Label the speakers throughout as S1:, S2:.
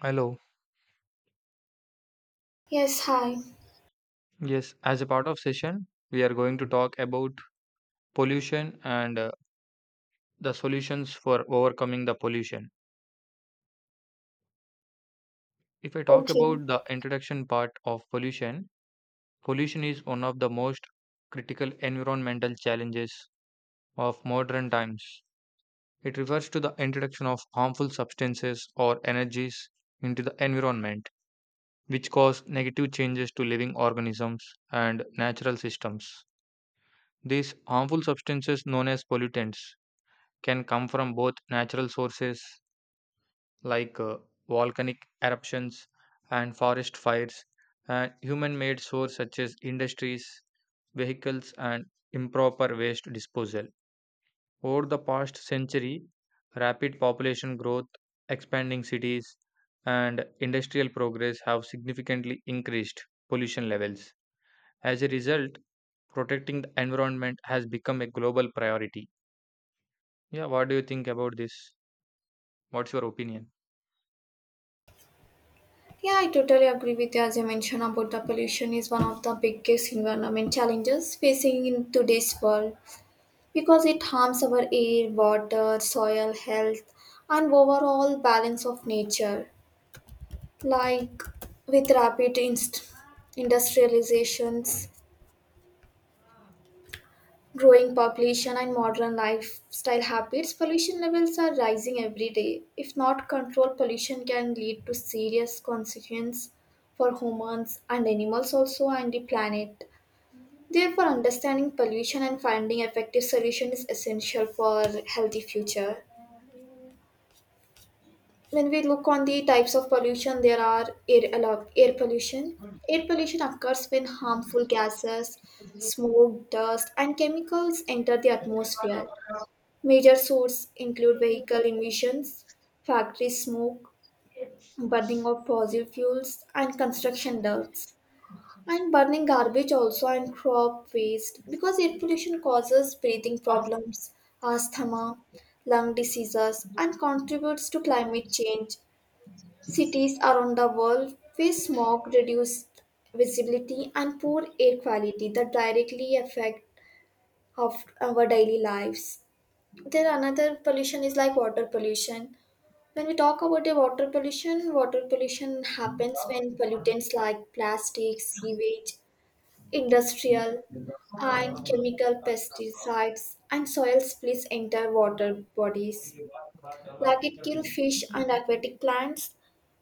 S1: Hello.
S2: Yes, hi.
S1: Yes, as a part of session, we are going to talk about pollution and the solutions for overcoming the pollution. If I talk
S2: Okay.
S1: about the introduction part of pollution, pollution is one of the most critical environmental challenges of modern times. It refers to the introduction of harmful substances or energies into the environment, which cause negative changes to living organisms and natural systems. These harmful substances known as pollutants can come from both natural sources like volcanic eruptions and forest fires and human made sources such as industries, vehicles, and improper waste disposal. Over the past century, rapid population growth, expanding cities, and industrial progress have significantly increased pollution levels. As a result, protecting the environment has become a global priority. Yeah, what do you think about this? What's your opinion?
S2: Yeah, I totally agree with you. As you mentioned about the pollution is one of the biggest environment challenges facing in today's world because it harms our air, water, soil health, and overall balance of nature. Like with rapid industrializations. Growing population and modern lifestyle habits, pollution levels are rising every day. If not controlled, pollution can lead to serious consequences for humans and animals also and the planet. Therefore, understanding pollution and finding effective solution is essential for healthy future. When we look on the types of pollution, there are air pollution. Air pollution occurs when harmful gases, smoke, dust, and chemicals enter the atmosphere. Major sources include vehicle emissions, factory smoke, burning of fossil fuels, and construction dust. And burning garbage also and crop waste, because air pollution causes breathing problems, asthma, lung diseases, and contributes to climate change. Cities around the world face smog, reduced visibility, and poor air quality that directly affect of our daily lives. There another pollution is like water pollution. When we talk about the water pollution happens when pollutants like plastic, sewage, industrial and chemical pesticides and soil splits enter water bodies. Like it kill fish and aquatic plants,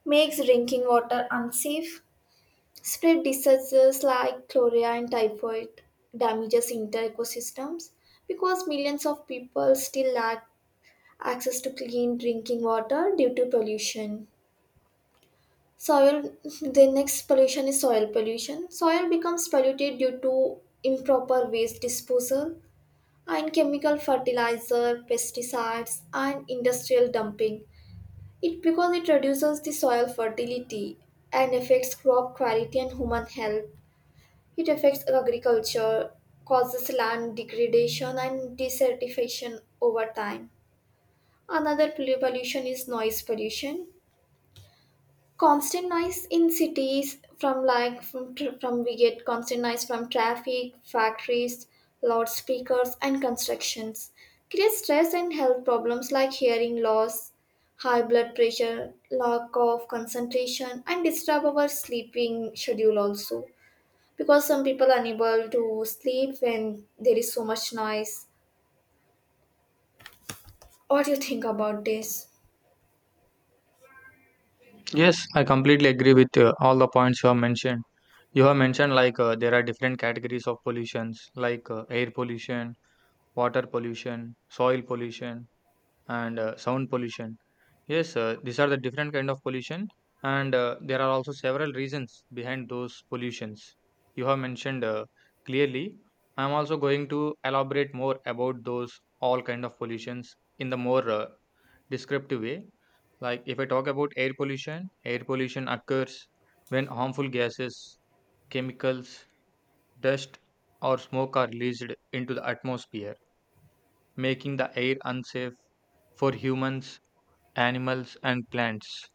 S2: makes drinking water unsafe, spread diseases like cholera and typhoid, damages inter ecosystems, because millions of people still lack access to clean drinking water due to pollution. Soil, the next pollution is soil pollution. Soil becomes polluted due to improper waste disposal and chemical fertilizer, pesticides, and industrial dumping. It because it reduces the soil fertility and affects crop quality and human health. It affects agriculture, causes land degradation and desertification over time. Another pollution is noise pollution. Constant noise in cities from, like, from we get constant noise from traffic, factories, loudspeakers, and constructions creates stress and health problems like hearing loss, high blood pressure, lack of concentration, and disturb our sleeping schedule also, because some people are unable to sleep when there is so much noise. What do you think about this?
S1: Yes, I completely agree with all the points you have mentioned. You have mentioned like there are different categories of pollutions like air pollution, water pollution, soil pollution, and sound pollution. Yes, these are the different kind of pollution, and there are also several reasons behind those pollutions. You have mentioned clearly. I'm also going to elaborate more about those all kind of pollutions in the more descriptive way. Like if I talk about air pollution occurs when harmful gases, chemicals, dust, or smoke are released into the atmosphere, making the air unsafe for humans, animals, and plants.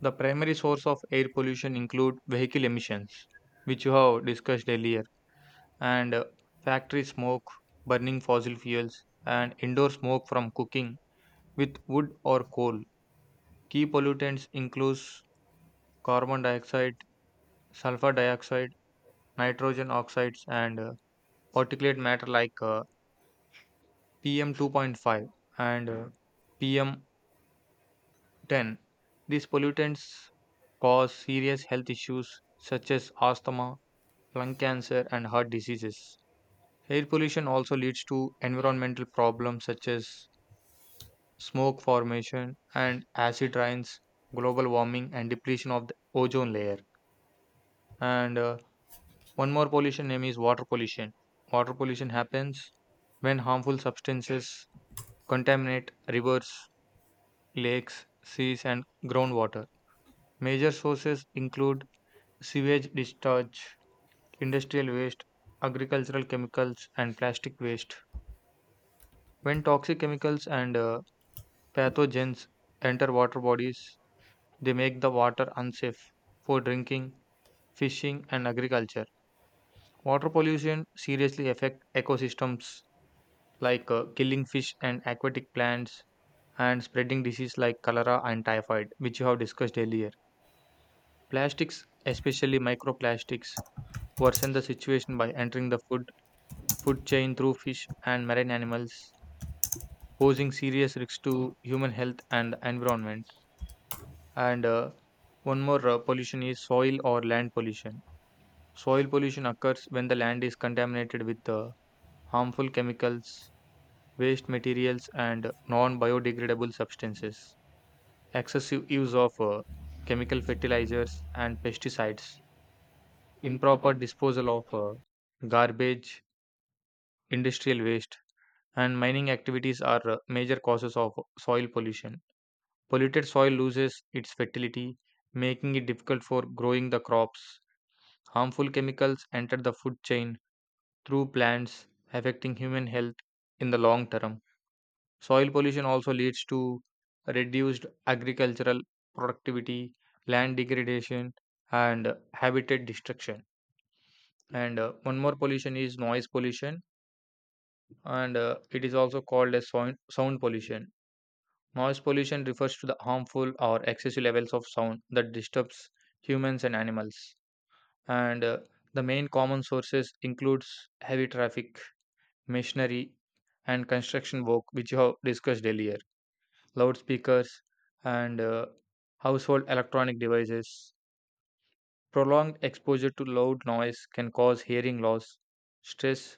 S1: The primary source of air pollution include vehicle emissions, which you have discussed earlier, and factory smoke, burning fossil fuels, and indoor smoke from cooking with wood or coal. Key pollutants include carbon dioxide, sulfur dioxide, nitrogen oxides, and particulate matter like PM2.5 and PM 10. These pollutants cause serious health issues such as asthma, lung cancer, and heart diseases. Air pollution also leads to environmental problems such as smoke formation and acid rains, global warming, and depletion of the ozone layer. And one more pollution name is water pollution. Water pollution happens when harmful substances contaminate rivers, lakes, seas, and groundwater. Major sources include sewage discharge, industrial waste, agricultural chemicals, and plastic waste. When toxic chemicals and pathogens enter water bodies, they make the water unsafe for drinking, fishing, and agriculture. Water pollution seriously affects ecosystems, like killing fish and aquatic plants and spreading disease like cholera and typhoid, which you have discussed earlier. Plastics, especially microplastics, worsen the situation by entering the food chain through fish and marine animals, posing serious risks to human health and environment. And one more pollution is soil or land pollution. Soil pollution occurs when the land is contaminated with harmful chemicals, waste materials, and non biodegradable substances. Excessive use of chemical fertilizers and pesticides, improper disposal of garbage, industrial waste, and mining activities are major causes of soil pollution. Polluted soil loses its fertility, making it difficult for growing the crops. Harmful chemicals enter the food chain through plants, affecting human health in the long term. Soil pollution also leads to reduced agricultural productivity, land degradation, and habitat destruction. And one more pollution is noise pollution, and it is also called as sound pollution. Noise pollution refers to the harmful or excessive levels of sound that disturbs humans and animals. And the main common sources includes heavy traffic, machinery, and construction work, which you have discussed earlier. Loudspeakers and household electronic devices. Prolonged exposure to loud noise can cause hearing loss, stress,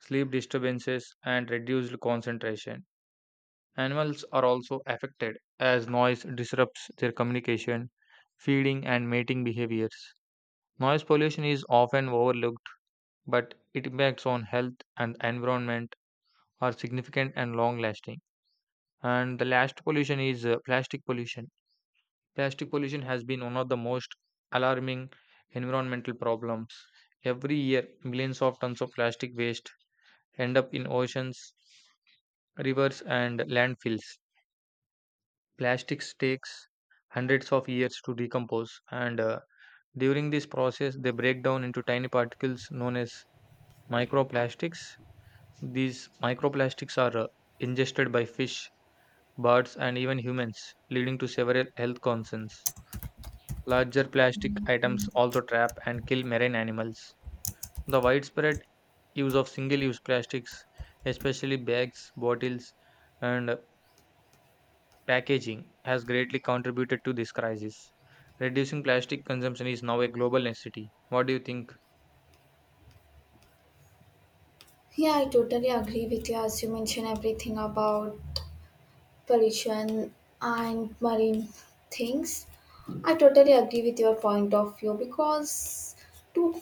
S1: sleep disturbances, and reduced concentration. Animals are also affected as noise disrupts their communication, feeding, and mating behaviors. Noise pollution is often overlooked, but it impacts on health and environment are significant and long lasting. And the last pollution is plastic pollution. Plastic pollution has been one of the most alarming environmental problems. Every year, millions of tons of plastic waste end up in oceans, rivers, and landfills. Plastics takes hundreds of years to decompose, and during this process, they break down into tiny particles known as microplastics. These microplastics are ingested by fish, birds, and even humans, leading to several health concerns. Larger plastic items also trap and kill marine animals. The widespread use of single use plastics, especially bags, bottles, and packaging has greatly contributed to this crisis. Reducing plastic consumption is now a global necessity. What do you think?
S2: Yeah, I totally agree with you. As you mentioned everything about pollution and marine things. I totally agree with your point of view because to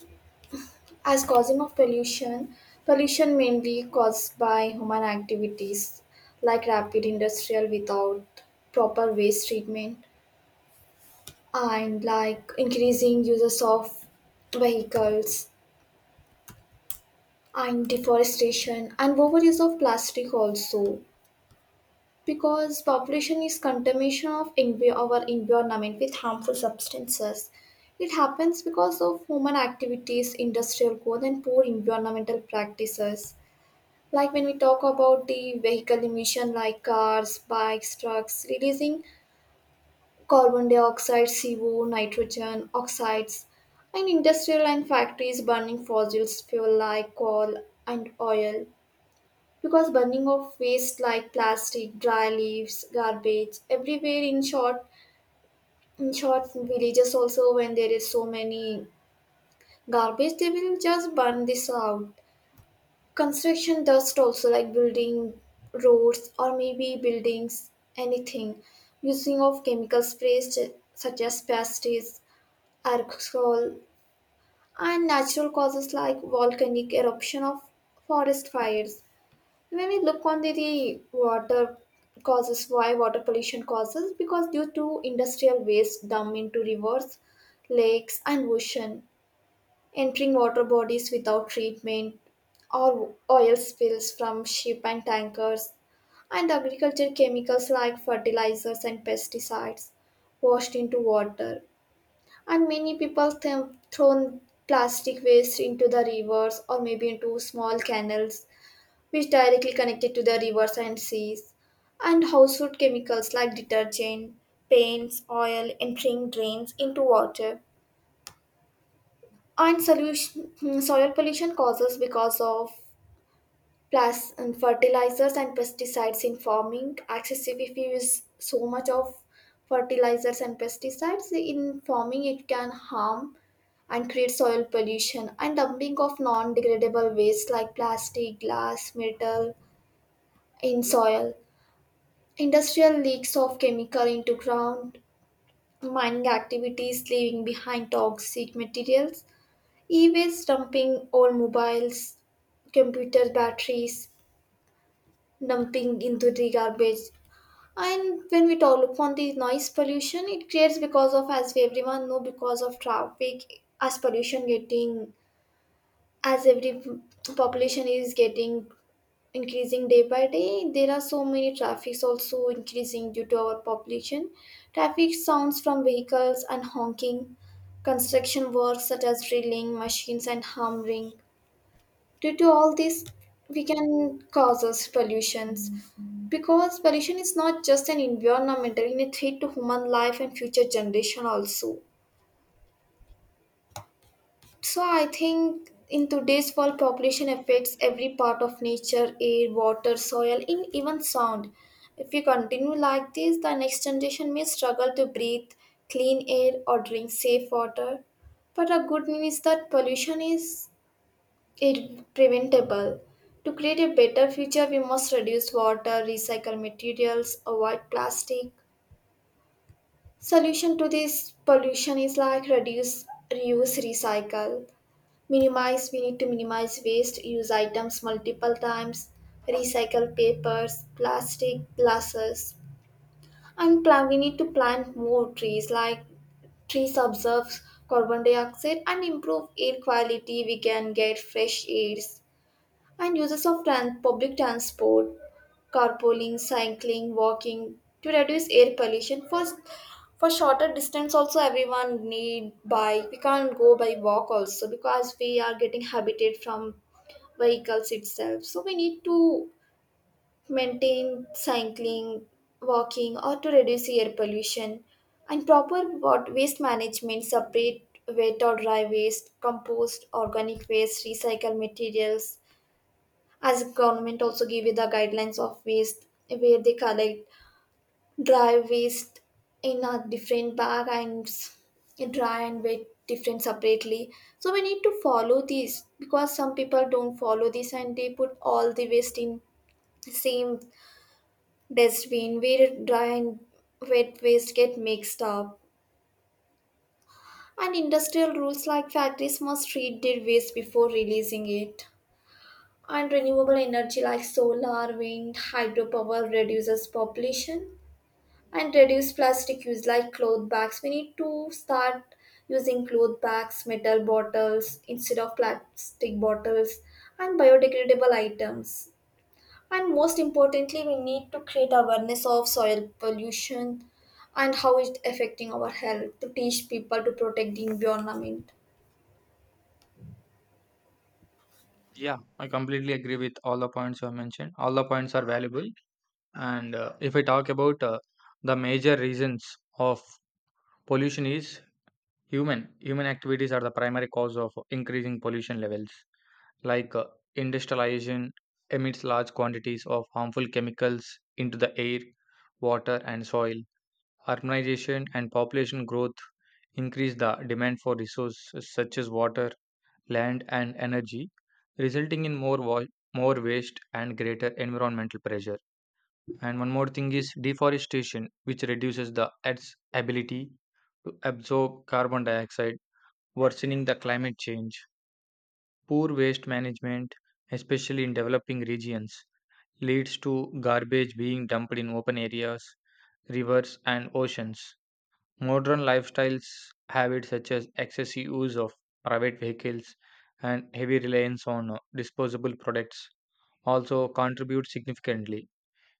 S2: as causing of pollution, pollution mainly caused by human activities like rapid industrial without proper waste treatment and like increasing uses of vehicles and deforestation and overuse of plastic also. Because population is contamination of our environment with harmful substances. It happens because of human activities, industrial growth, and poor environmental practices. Like when we talk about the vehicle emission, like cars, bikes, trucks, releasing carbon dioxide, CO, nitrogen oxides, and industrial and factories burning fossil fuel like coal and oil, because burning of waste like plastic, dry leaves, garbage everywhere in short villages also, when there is so many garbage they will just burn this out. Construction dust also, like building roads or maybe buildings, anything, using of chemical sprays such as pesticides, alcohol, and natural causes like volcanic eruption of forest fires. When we look on the water causes, why water pollution causes, because due to industrial waste dumped into rivers, lakes, and ocean, entering water bodies without treatment, or oil spills from ship and tankers, and agriculture chemicals like fertilizers and pesticides washed into water. And many people thrown plastic waste into the rivers or maybe into small canals which directly connected to the rivers and seas, and household chemicals like detergent, paints, oil entering drains into water, soil pollution causes because of plus and fertilizers and pesticides in farming. Excessive, if you use so much of fertilizers and pesticides in farming, it can harm and create soil pollution, and dumping of non-degradable waste like plastic, glass, metal in soil. Industrial leaks of chemical into ground, mining activities leaving behind toxic materials, e waste dumping, old mobiles, computer batteries, dumping into the garbage. And when we talk upon the noise pollution, it creates because of, as we everyone know, because of traffic, as pollution getting, as every population is getting increasing day by day, there are so many traffics also increasing due to our population. Traffic sounds from vehicles and honking, construction works such as drilling machines and hammering, due to all this we can cause us pollutions, because pollution is not just an environmental, it is a threat to human life and future generation also. So I think in today's world, population affects every part of nature, air, water, soil, and even sound. If we continue like this, the next generation may struggle to breathe clean air or drink safe water. But a good news is that pollution is preventable. To create a better future, we must reduce water, recycle materials, avoid plastic. Solution to this pollution is like reduce, reuse, recycle. Minimize, we need to minimize waste, use items multiple times, recycle papers, plastic, glasses, and plan, we need to plant more trees, like trees absorbs carbon dioxide and improve air quality, we can get fresh airs, and uses of public transport, carpooling, cycling, walking to reduce air pollution. For shorter distance also, everyone need bike, we can't go by walk also because we are getting habited from vehicles itself. So we need to maintain cycling, walking, or to reduce air pollution. And proper waste management, separate wet or dry waste, compost, organic waste, recycle materials. As government also give you the guidelines of waste where they collect dry waste in a different bag, and dry and wet different separately, so we need to follow this, because some people don't follow this and they put all the waste in same dustbin where dry and wet waste get mixed up. And industrial rules like factories must treat their waste before releasing it, and renewable energy like solar, wind, hydropower reduces population, and reduce plastic use, like cloth bags, we need to start using cloth bags, metal bottles instead of plastic bottles, and biodegradable items. And most importantly, we need to create awareness of soil pollution and how it's affecting our health, to teach people to protect the environment.
S1: Yeah, I completely agree with all the points you have mentioned. All the points are valuable. And if I talk about the major reasons of pollution is human. Human activities are the primary cause of increasing pollution levels. Like industrialization emits large quantities of harmful chemicals into the air, water, and soil. Urbanization and population growth increase the demand for resources such as water, land, and energy, resulting in more waste and greater environmental pressure. And one more thing is deforestation, which reduces the Earth's ability to absorb carbon dioxide, worsening the climate change. Poor waste management, especially in developing regions, leads to garbage being dumped in open areas, rivers, and oceans. Modern lifestyles habits such as excessive use of private vehicles and heavy reliance on disposable products also contribute significantly.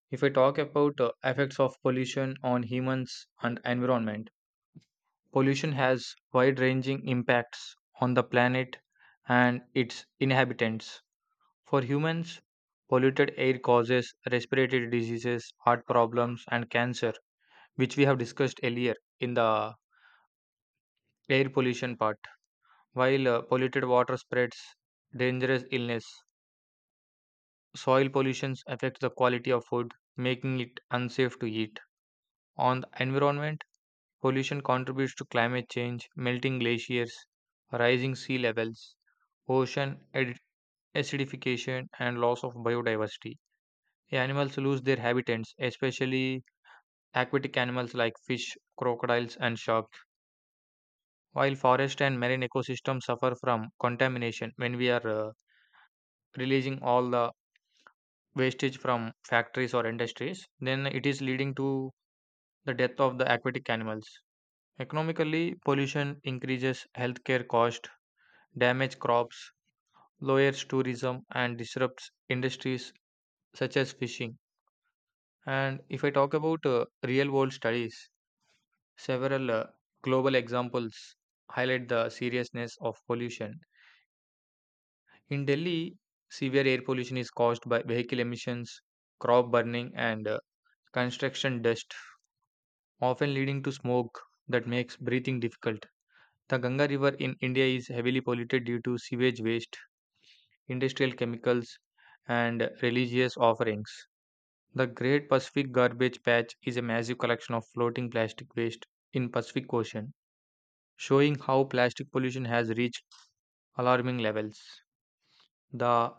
S1: If I talk about effects of pollution on humans and environment, pollution has wide-ranging impacts on the planet and its inhabitants. For humans, polluted air causes respiratory diseases, heart problems, and cancer, which we have discussed earlier in the air pollution part. While polluted water spreads dangerous illness, soil pollution affects the quality of food, making it unsafe to eat. On the environment, pollution contributes to climate change, melting glaciers, rising sea levels, ocean acidification, and loss of biodiversity. Animals lose their habitats, especially aquatic animals like fish, crocodiles, and sharks, while forest and marine ecosystems suffer from contamination. When we are releasing all the wastage from factories or industries, then it is leading to the death of the aquatic animals. Economically, pollution increases healthcare cost, damage crops, lowers tourism, and disrupts industries such as fishing. And if I talk about real world studies, several global examples highlight the seriousness of pollution. In Delhi, severe air pollution is caused by vehicle emissions, crop burning, and construction dust, often leading to smoke that makes breathing difficult. The Ganga River in India is heavily polluted due to sewage waste, industrial chemicals, and religious offerings. The Great Pacific Garbage Patch is a massive collection of floating plastic waste in Pacific Ocean, showing how plastic pollution has reached alarming levels. The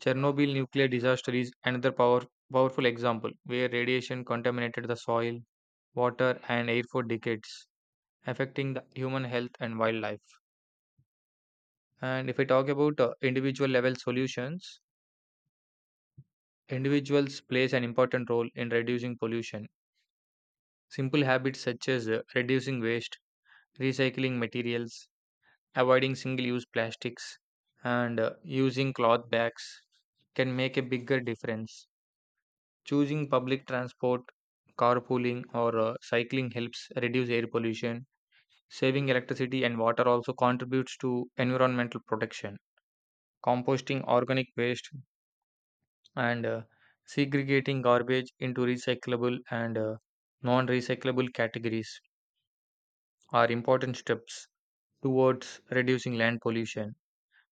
S1: Chernobyl nuclear disaster is another powerful example where radiation contaminated the soil, water, and air for decades, affecting the human health and wildlife. And if we talk about individual level solutions, individuals plays an important role in reducing pollution. Simple habits such as reducing waste, recycling materials, avoiding single-use plastics, and using cloth bags can make a bigger difference. Choosing public transport, carpooling, or cycling helps reduce air pollution. Saving electricity and water also contributes to environmental protection. Composting organic waste, and segregating garbage into recyclable and non recyclable categories are important steps towards reducing land pollution.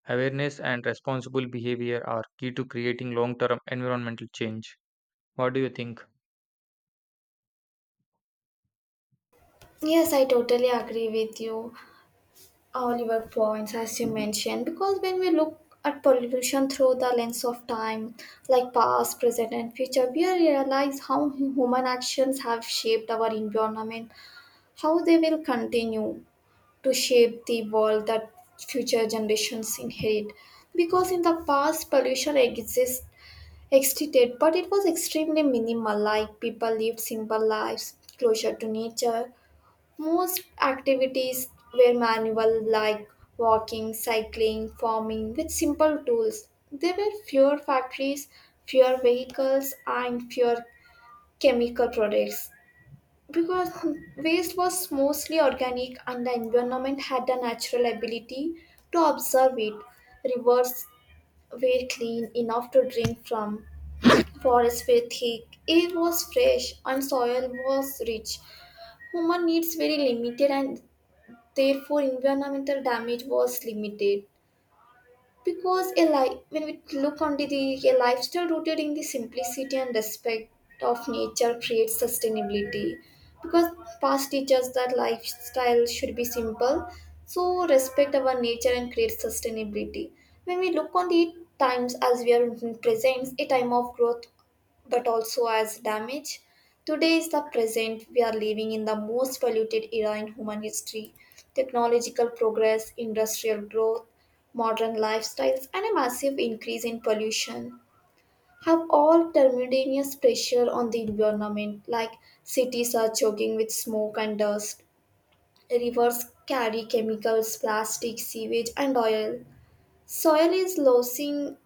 S1: Awareness and responsible behavior are key to creating long term environmental change. What do you think?
S2: Yes, I totally agree with you, Oliver points, as you mentioned, because when we look at pollution through the lens of time, like past, present, and future, we realize how human actions have shaped our environment, how they will continue to shape the world that future generations inherit. Because in the past, pollution existed, but it was extremely minimal, like people lived simple lives closer to nature. Most activities were manual, like walking, cycling, farming, with simple tools. There were fewer factories, fewer vehicles, and fewer chemical products. Because waste was mostly organic and the environment had a natural ability to absorb it. Rivers were clean enough to drink from, forests were thick, air was fresh, and soil was rich. Human needs were limited, and therefore, environmental damage was limited, because when we look onto the a lifestyle rooted in the simplicity and respect of nature creates sustainability. Because past teaches that lifestyle should be simple, so respect our nature and create sustainability. When we look on the times, as we are in present, a time of growth but also as damage. Today is the present. We are living in the most polluted era in human history. Technological progress, industrial growth, modern lifestyles, and a massive increase in pollution have all tremendous pressure on the environment, like cities are choking with smoke and dust. Rivers carry chemicals, plastic, sewage, and oil. Soil is losing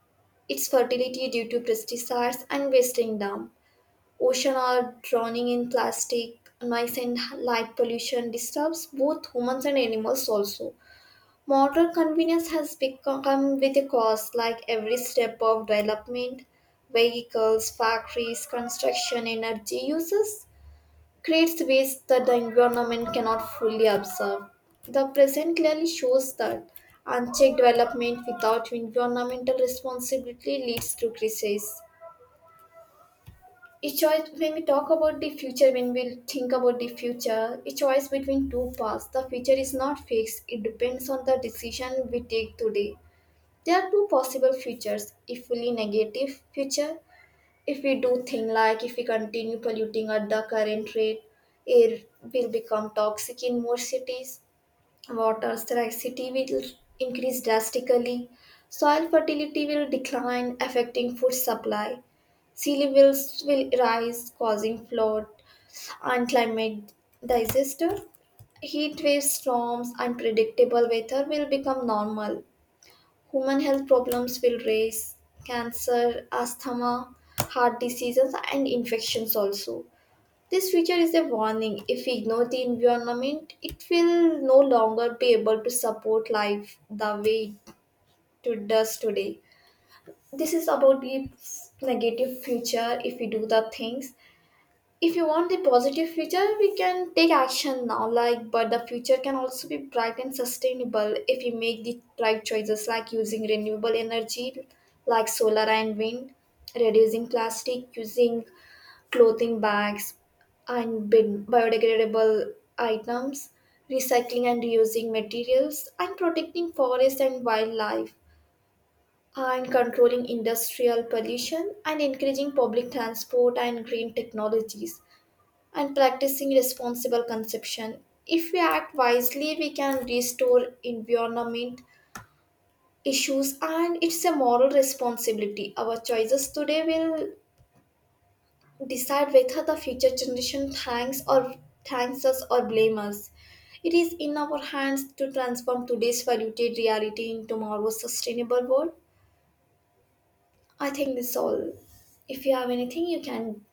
S2: its fertility due to pesticides and wasting down. Oceans are drowning in plastic, noise, and light pollution disturbs both humans and animals also. Modern convenience has become come with a cost, like every step of development, vehicles, factories, construction, energy uses creates waste that the environment cannot fully absorb. The present clearly shows that unchecked development without environmental responsibility leads to crisis, a choice. When we talk about the future, when we think about the future, a choice between two paths, the future is not fixed, it depends on the decision we take today. There are two possible futures. A fully negative future, if we do things like if we continue polluting at the current rate, air will become toxic in more cities, water scarcity will increase drastically, soil fertility will decline affecting food supply, sea levels will rise, causing flood and climate disaster. Heat waves, storms, unpredictable weather will become normal. Human health problems will rise, cancer, asthma, heart diseases, and infections also. This future is a warning. If we ignore the environment, it will no longer be able to support life the way it does today. This is about the negative future. If we do the things, if you want a positive future, we can take action now, like but the future can also be bright and sustainable if we make the right choices, like using renewable energy like solar and wind, reducing plastic, using clothing bags and biodegradable items, recycling and reusing materials and protecting forest and wildlife, and controlling industrial pollution and encouraging public transport and green technologies, and practicing responsible consumption. If we act wisely, we can restore environment issues, and it's a moral responsibility. Our choices today will decide whether the future generation thanks us or blame us. It is in our hands to transform today's polluted reality into tomorrow's sustainable world. I think this all. If you have anything you can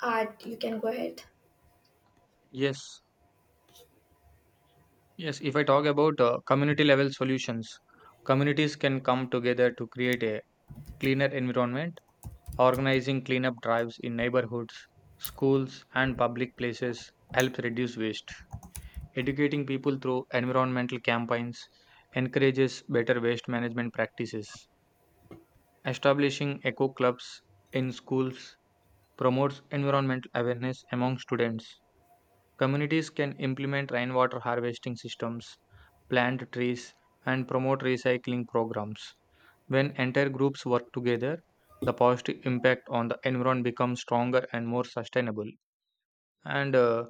S2: add, you can go ahead.
S1: Yes, yes. If I talk about community level solutions, communities can come together to create a cleaner environment. Organizing cleanup drives in neighborhoods, schools, and public places helps reduce waste. Educating people through environmental campaigns encourages better waste management practices. Establishing eco clubs in schools promotes environmental awareness among students. Communities can implement rainwater harvesting systems, plant trees, and promote recycling programs. When entire groups work together, the positive impact on the environment becomes stronger and more sustainable. And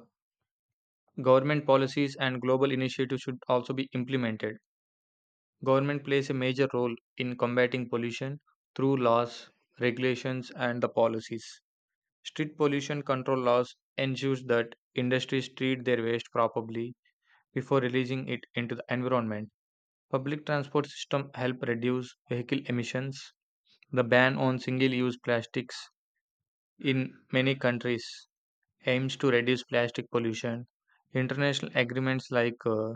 S1: government policies and global initiatives should also be implemented. Government plays a major role in combating pollution through laws, regulations, and the policies. Strict pollution control laws ensures that industries treat their waste properly before releasing it into the environment. Public transport system help reduce vehicle emissions. The ban on single-use plastics in many countries aims to reduce plastic pollution. International agreements like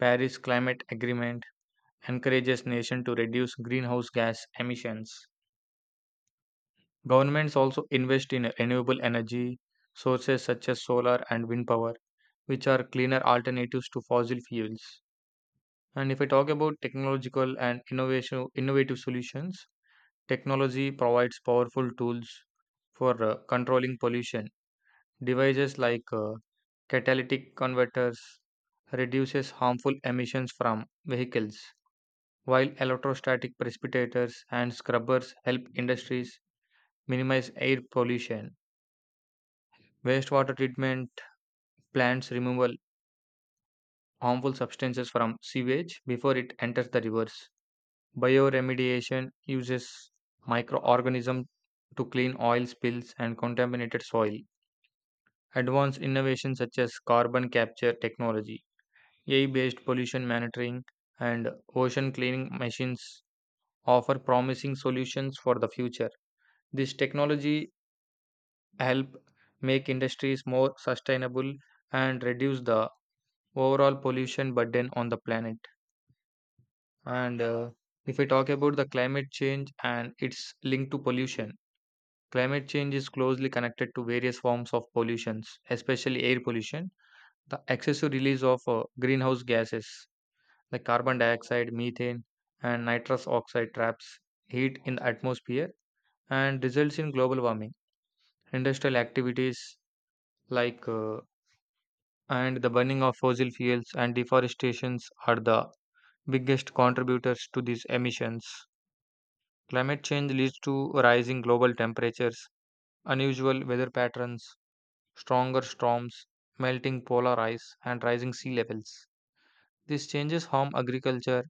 S1: Paris Climate Agreement encourages nations to reduce greenhouse gas emissions. Governments also invest in renewable energy sources such as solar and wind power, which are cleaner alternatives to fossil fuels. And if I talk about technological and innovation, innovative solutions, technology provides powerful tools for controlling pollution. Devices like catalytic converters reduces harmful emissions from vehicles, while electrostatic precipitators and scrubbers help industries minimize air pollution. Wastewater treatment plants remove harmful substances from sewage before it enters the rivers. Bioremediation uses microorganisms to clean oil spills and contaminated soil. Advanced innovations such as carbon capture technology, AI based pollution monitoring, and ocean cleaning machines offer promising solutions for the future. This technology help make industries more sustainable and reduce the overall pollution burden on the planet. And if we talk about the climate change and its link to pollution, climate change is closely connected to various forms of pollution, especially air pollution. The excessive release of greenhouse gases like carbon dioxide, methane, and nitrous oxide traps heat in the atmosphere and results in global warming. Industrial activities like and the burning of fossil fuels and deforestations are the biggest contributors to these emissions. Climate change leads to rising global temperatures, unusual weather patterns, stronger storms, melting polar ice, and rising sea levels. These changes harm agriculture,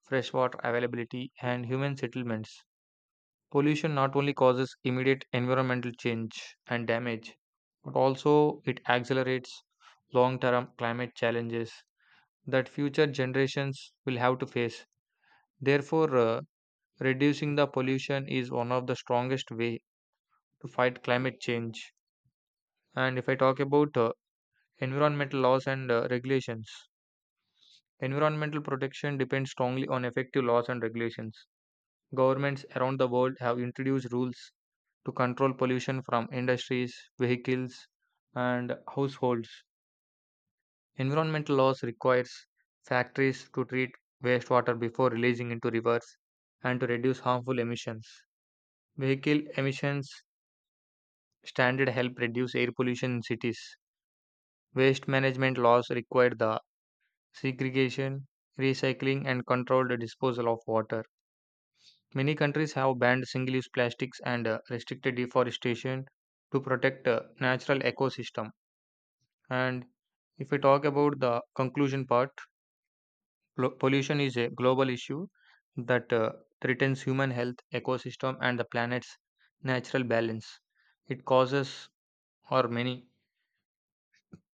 S1: freshwater availability, and human settlements. Pollution not only causes immediate environmental change and damage, but also it accelerates long term climate challenges that future generations will have to face. Therefore, reducing the pollution is one of the strongest way to fight climate change. And if I talk about environmental laws and regulations, environmental protection depends strongly on effective laws and regulations. Governments around the world have introduced rules to control pollution from industries, vehicles, and households. Environmental laws requires factories to treat wastewater before releasing into rivers and to reduce harmful emissions. Vehicle emissions standard help reduce air pollution in cities. Waste management laws require the segregation, recycling, and controlled disposal of water. Many countries have banned single use plastics and restricted deforestation to protect natural ecosystem. And if we talk about the conclusion part, pollution is a global issue that threatens human health, ecosystem, and the planet's natural balance. It causes or many,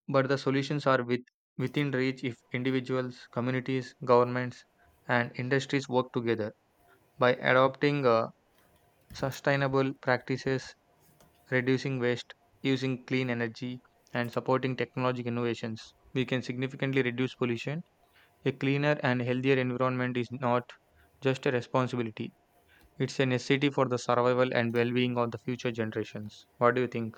S1: but the solutions are within reach if individuals, communities, governments, and industries work together by adopting sustainable practices, reducing waste, using clean energy, and supporting technological innovations, we can significantly reduce pollution. A cleaner and healthier environment is not just a responsibility, it's a necessity for the survival and well being of the future generations. What do you think?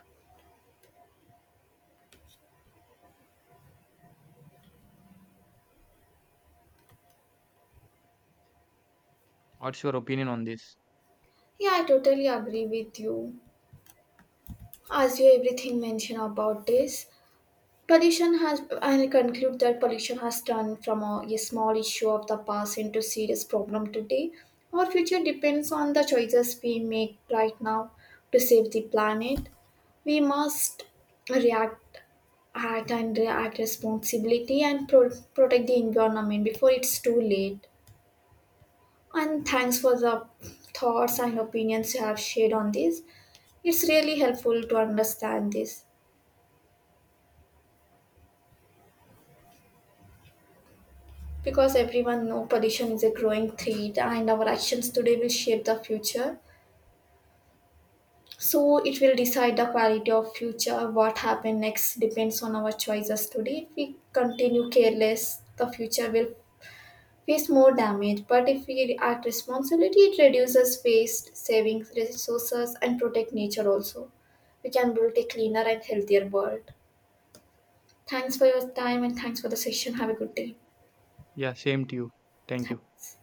S1: What's your opinion on this?
S2: Yeah, I totally agree with you. As you everything mentioned about this, pollution has I conclude that pollution has turned from a small issue of the past into serious problem today. Our future depends on the choices we make right now. To save the planet, we must react act and react responsibility, and protect the environment before it's too late. And thanks for the thoughts and opinions you have shared on this, it's really helpful to understand this. Because everyone know pollution is a growing threat and our actions today will shape the future. So it will decide the quality of future. What happen next depends on our choices today. If we continue careless, the future will face more damage. But if we act responsibility, it reduces waste, saving resources and protect nature also. We can build a cleaner and healthier world. Thanks for your time and thanks for the session. Have a good day.
S1: Yeah, same to you. Thank you.
S2: Thanks.